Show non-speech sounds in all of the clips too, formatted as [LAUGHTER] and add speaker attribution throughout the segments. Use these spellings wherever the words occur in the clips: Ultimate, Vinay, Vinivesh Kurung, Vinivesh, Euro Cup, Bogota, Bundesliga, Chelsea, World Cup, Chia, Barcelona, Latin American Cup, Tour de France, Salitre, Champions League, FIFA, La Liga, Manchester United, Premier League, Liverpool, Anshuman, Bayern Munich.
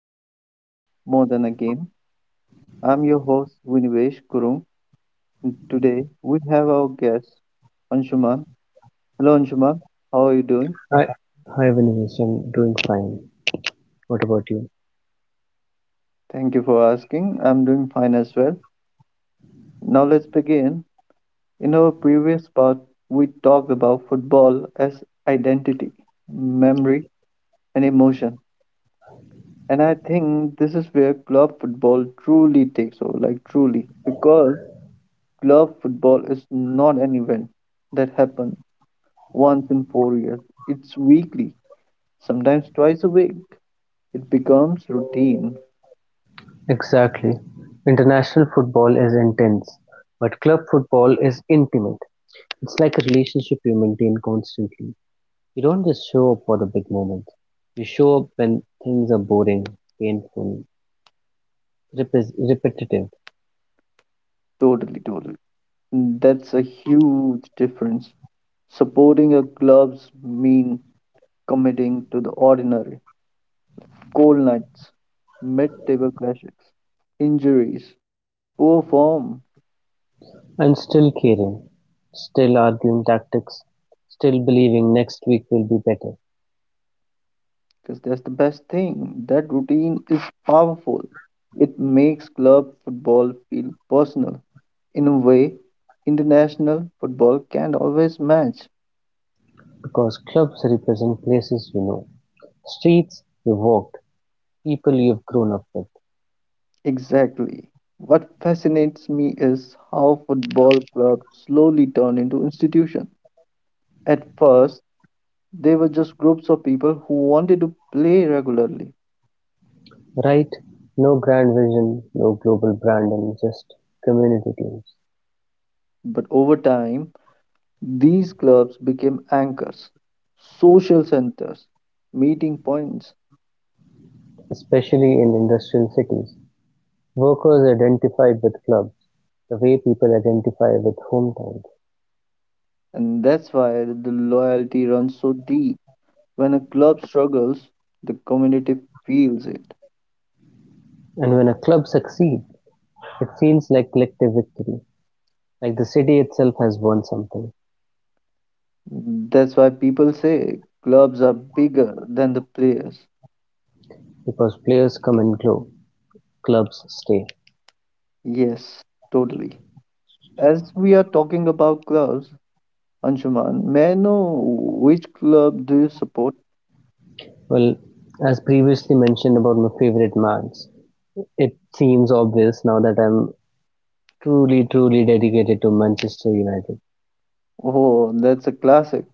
Speaker 1: Football More Than a Game. I'm your host, Vinivesh Kurung, and today we have our guest Anshuman. Hello, Anshuman. How are you doing?
Speaker 2: Hi, hi, Vinay, I'm doing fine. What about you?
Speaker 1: Thank you for asking. I'm doing fine as well. Now let's begin. In our previous part, we talked about football as identity, memory, and emotion. And I think this is where club football truly takes over, like truly, because club football is not an event that happens once in 4 years. It's weekly, sometimes twice a week. It becomes routine.
Speaker 2: Exactly. International football is intense, but club football is intimate. It's like a relationship you maintain constantly. You don't just show up for the big moments. You show up when things are boring, painful, repes repetitive,
Speaker 1: Totally, totally. That's a huge difference. Supporting a club's mean committing to the ordinary. Cold nights, mid-table clashes, injuries, poor form.
Speaker 2: and still caring, still arguing tactics, still believing next week will be better.
Speaker 1: Because that's the best thing. That routine is powerful. It makes club football feel personal in a way international football can't always match.
Speaker 2: Because clubs represent places you know, streets you've walked, people you've grown up with.
Speaker 1: Exactly. What fascinates me is how football clubs slowly turn into institutions. At first, they were just groups of people who wanted to play regularly,
Speaker 2: Right, no grand vision, no global brand, and just community teams.
Speaker 1: but over time, these clubs became anchors, social centers, meeting points.
Speaker 2: Especially in industrial cities, workers identified with clubs, the way people identify with hometowns.
Speaker 1: And that's why the loyalty runs so deep. When a club struggles, the community feels it.
Speaker 2: And when a club succeeds, it feels like collective victory, like the city itself has won something.
Speaker 1: That's why people say clubs are bigger than the players.
Speaker 2: Because players come and go, clubs stay.
Speaker 1: Yes, totally. As we are talking about clubs, Anshuman, may I know which club do you support?
Speaker 2: Well, as previously mentioned about my favorite Mans, it seems obvious now that I'm truly dedicated to Manchester United.
Speaker 1: Oh, that's a classic.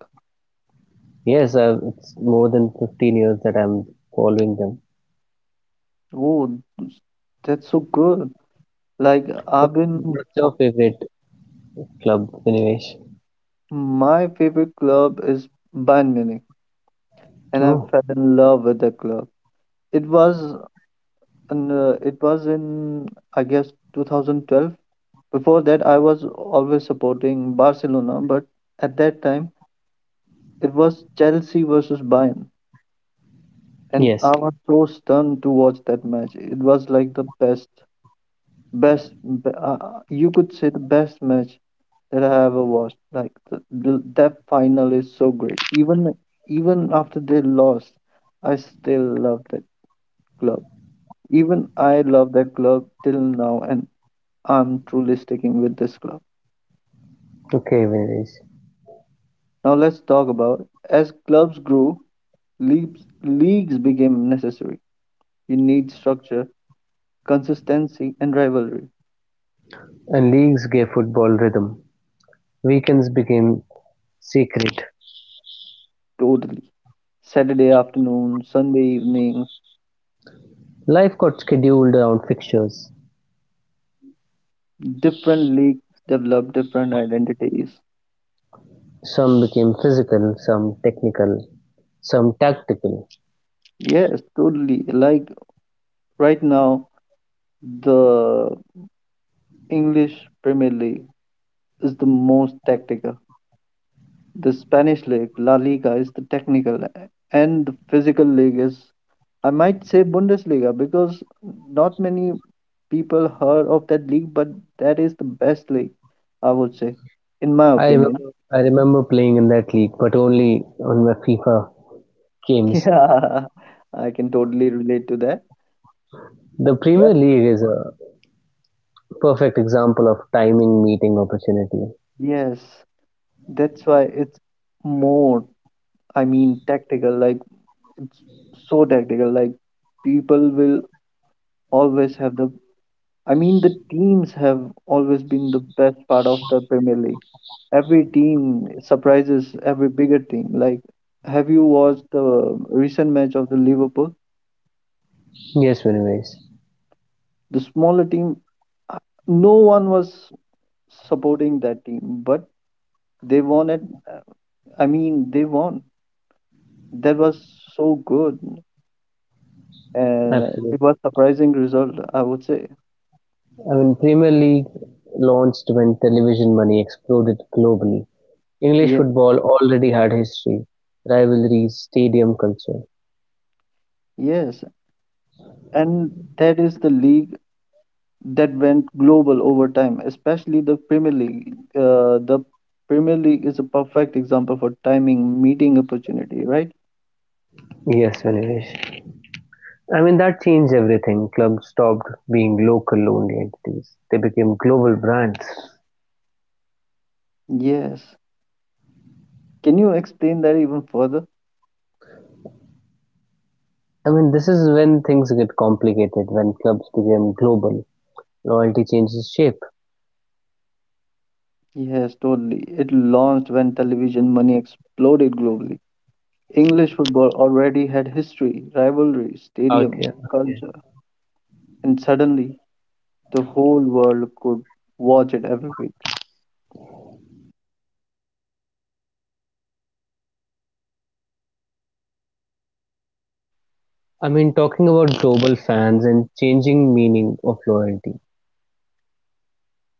Speaker 2: Yes, it's more than 15 years that I'm following them.
Speaker 1: Oh, that's so good. Like
Speaker 2: What-
Speaker 1: I've been,
Speaker 2: What's your favorite club, Vinivesh?
Speaker 1: my favorite club is Bayern Munich, and I
Speaker 2: Oh,
Speaker 1: fell in love with the club. It was in I guess 2012. Before that, I was always supporting Barcelona, but at that time it was Chelsea versus Bayern, and
Speaker 2: yes.
Speaker 1: I was so stunned to watch that match. It was like the best, best be- uh, you could say the best match that I ever watched. Like that final is so great. Even even after they lost, I still love that club. Even I love that club till now, and I'm truly sticking with this club.
Speaker 2: Okay, Vinivesh.
Speaker 1: Now let's talk about, as clubs grew, leagues became necessary. You need structure, consistency, and rivalry.
Speaker 2: And leagues gave football rhythm. Weekends became secret.
Speaker 1: Totally. Saturday afternoon, Sunday evening,
Speaker 2: Life got scheduled around fixtures.
Speaker 1: different leagues develop different identities.
Speaker 2: Some became physical, some technical, some tactical.
Speaker 1: Yes, totally. Like right now, the English Premier League is the most tactical. The Spanish league, La Liga, is the technical, and the physical league is, I might say, Bundesliga, because not many people heard of that league, but that is the best league, I would say, in my
Speaker 2: I
Speaker 1: opinion.
Speaker 2: remember,
Speaker 1: [LAUGHS]
Speaker 2: I remember playing in that league, but only on my FIFA games.
Speaker 1: Yeah, I can totally relate to that.
Speaker 2: The
Speaker 1: Well,
Speaker 2: Premier League is a perfect example of timing meeting opportunity.
Speaker 1: yes, that's why it's more, I mean, tactical, like it's so tactical, like people will always have the, I mean, the teams have always been the best part of the Premier League. Every team surprises every bigger team. Like, have you watched the recent match of the Liverpool?
Speaker 2: Yes, Vinay,
Speaker 1: The smaller team, uh, no one was supporting that team, but they won it. Uh, I mean, they won. That was so good, and it was
Speaker 2: absolutely.
Speaker 1: surprising result, I would say.
Speaker 2: I mean, Premier League launched when television money exploded globally. English
Speaker 1: Yeah,
Speaker 2: football already had history, rivalries, stadium culture.
Speaker 1: yes, and that is the league that went global over time, especially the Premier League. The Premier League is a perfect example for timing, meeting opportunity, right?
Speaker 2: Yes, Vinay. I mean, that changed everything. Clubs stopped being local only entities. They became global brands.
Speaker 1: Yes. Can you explain that even further?
Speaker 2: I mean, this is when things get complicated, when clubs became global. Loyalty changes shape.
Speaker 1: Yes, totally. It launched when television money exploded globally. English football already had history, rivalry, stadium,
Speaker 2: Okay, okay.
Speaker 1: culture, and suddenly the whole world could watch it every week.
Speaker 2: I mean, talking about global fans and changing meaning of loyalty.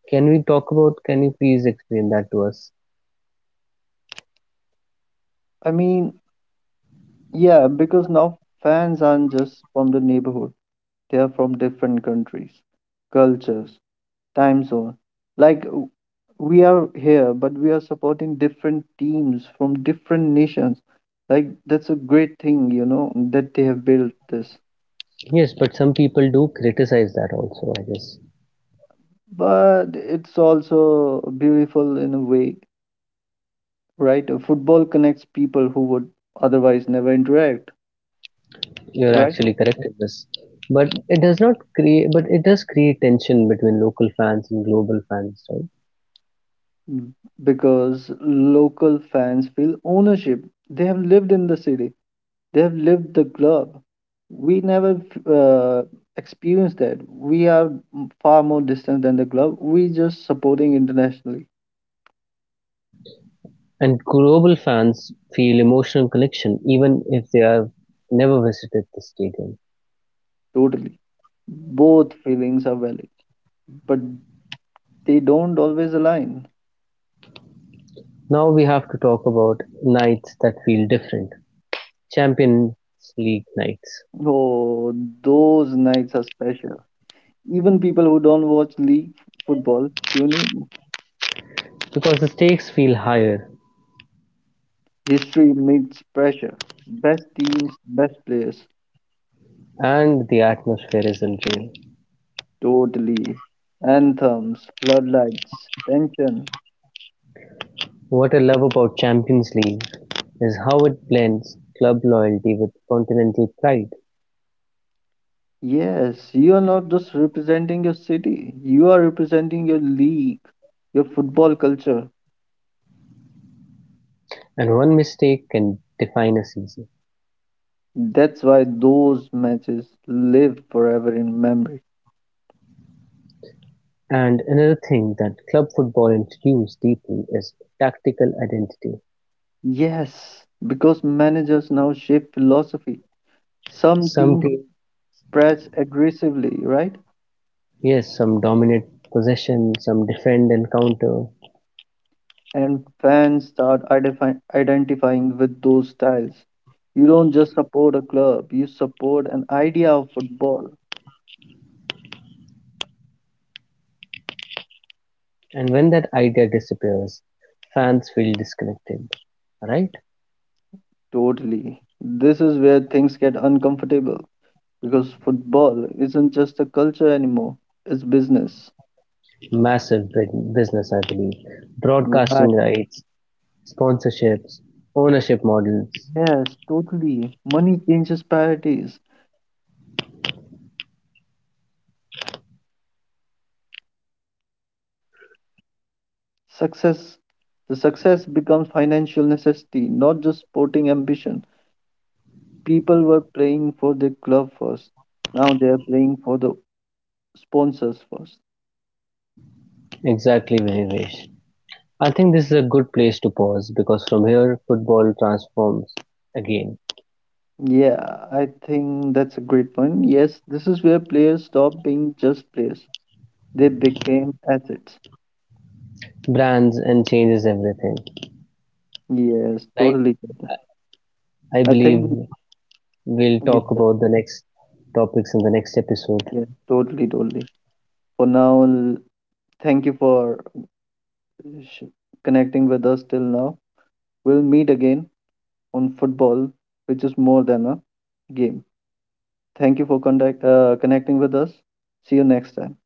Speaker 2: Can we talk about can you please explain that to us?
Speaker 1: I mean, yeah, because now fans aren't just from the neighborhood. They are from different countries, cultures, time zone. Like we are here, but we are supporting different teams from different nations. Like that's a great thing, you know, that they have built this.
Speaker 2: Yes, but some people do criticize that also, I guess.
Speaker 1: But it's also beautiful in a way, right? Football connects people who would otherwise never interact,
Speaker 2: You're
Speaker 1: right?
Speaker 2: actually correct in this. But it does not create but it does create tension between local fans and global fans, right?
Speaker 1: Mm, because local fans feel ownership. They have lived in the city. They've lived the club. We never uh, experienced that. We are far more distant than the club. We just supporting internationally,
Speaker 2: And global fans feel emotional connection even if they have never visited the stadium.
Speaker 1: totally. Both feelings are valid, but they don't always align.
Speaker 2: Now we have to talk about nights that feel different. Champions League nights.
Speaker 1: Oh, those nights are special. Even people who don't watch league football tune in.
Speaker 2: Because the stakes feel higher
Speaker 1: History meets pressure. Best teams, best players,
Speaker 2: and the atmosphere isn't real.
Speaker 1: totally. Anthems, floodlights, tension.
Speaker 2: What I love about Champions League is how it blends club loyalty with continental pride,
Speaker 1: Yes, you are not just representing your city, you are representing your league, your football culture.
Speaker 2: and one mistake can define a season.
Speaker 1: That's why those matches live forever in memory.
Speaker 2: And another thing that club football introduced deeply is tactical identity.
Speaker 1: Yes, because managers now shape philosophy. Some
Speaker 2: Some
Speaker 1: teams
Speaker 2: teams,
Speaker 1: press aggressively, right?
Speaker 2: yes, some dominate possession, some defend and counter,
Speaker 1: And fans start identifying with those styles. You don't just support a club, you support an idea of football.
Speaker 2: and when that idea disappears, fans feel disconnected. Right?
Speaker 1: Totally. This is where things get uncomfortable because football isn't just a culture anymore, it's business.
Speaker 2: Massive business, I believe. Broadcasting
Speaker 1: Right.
Speaker 2: rights, sponsorships, ownership models.
Speaker 1: Yes, totally. Money changes priorities. Success, the success becomes financial necessity, not just sporting ambition. People were playing for their club first. Now they are playing for the sponsors first.
Speaker 2: Exactly, Vinivesh. I think this is a good place to pause because from here football transforms again,
Speaker 1: Yeah, I think that's a great point. Yes, this is where players stop being just players. They became assets.
Speaker 2: brands and changes everything.
Speaker 1: Yes,
Speaker 2: Right?
Speaker 1: totally. Good.
Speaker 2: I
Speaker 1: I think
Speaker 2: believe we'll talk
Speaker 1: yes,
Speaker 2: about the next topics in the next episode.
Speaker 1: yeah, totally, totally. For now, thank you for sh- connecting with us till now. We'll meet again on football, which is more than a game. Thank you for connecting with us. See you next time.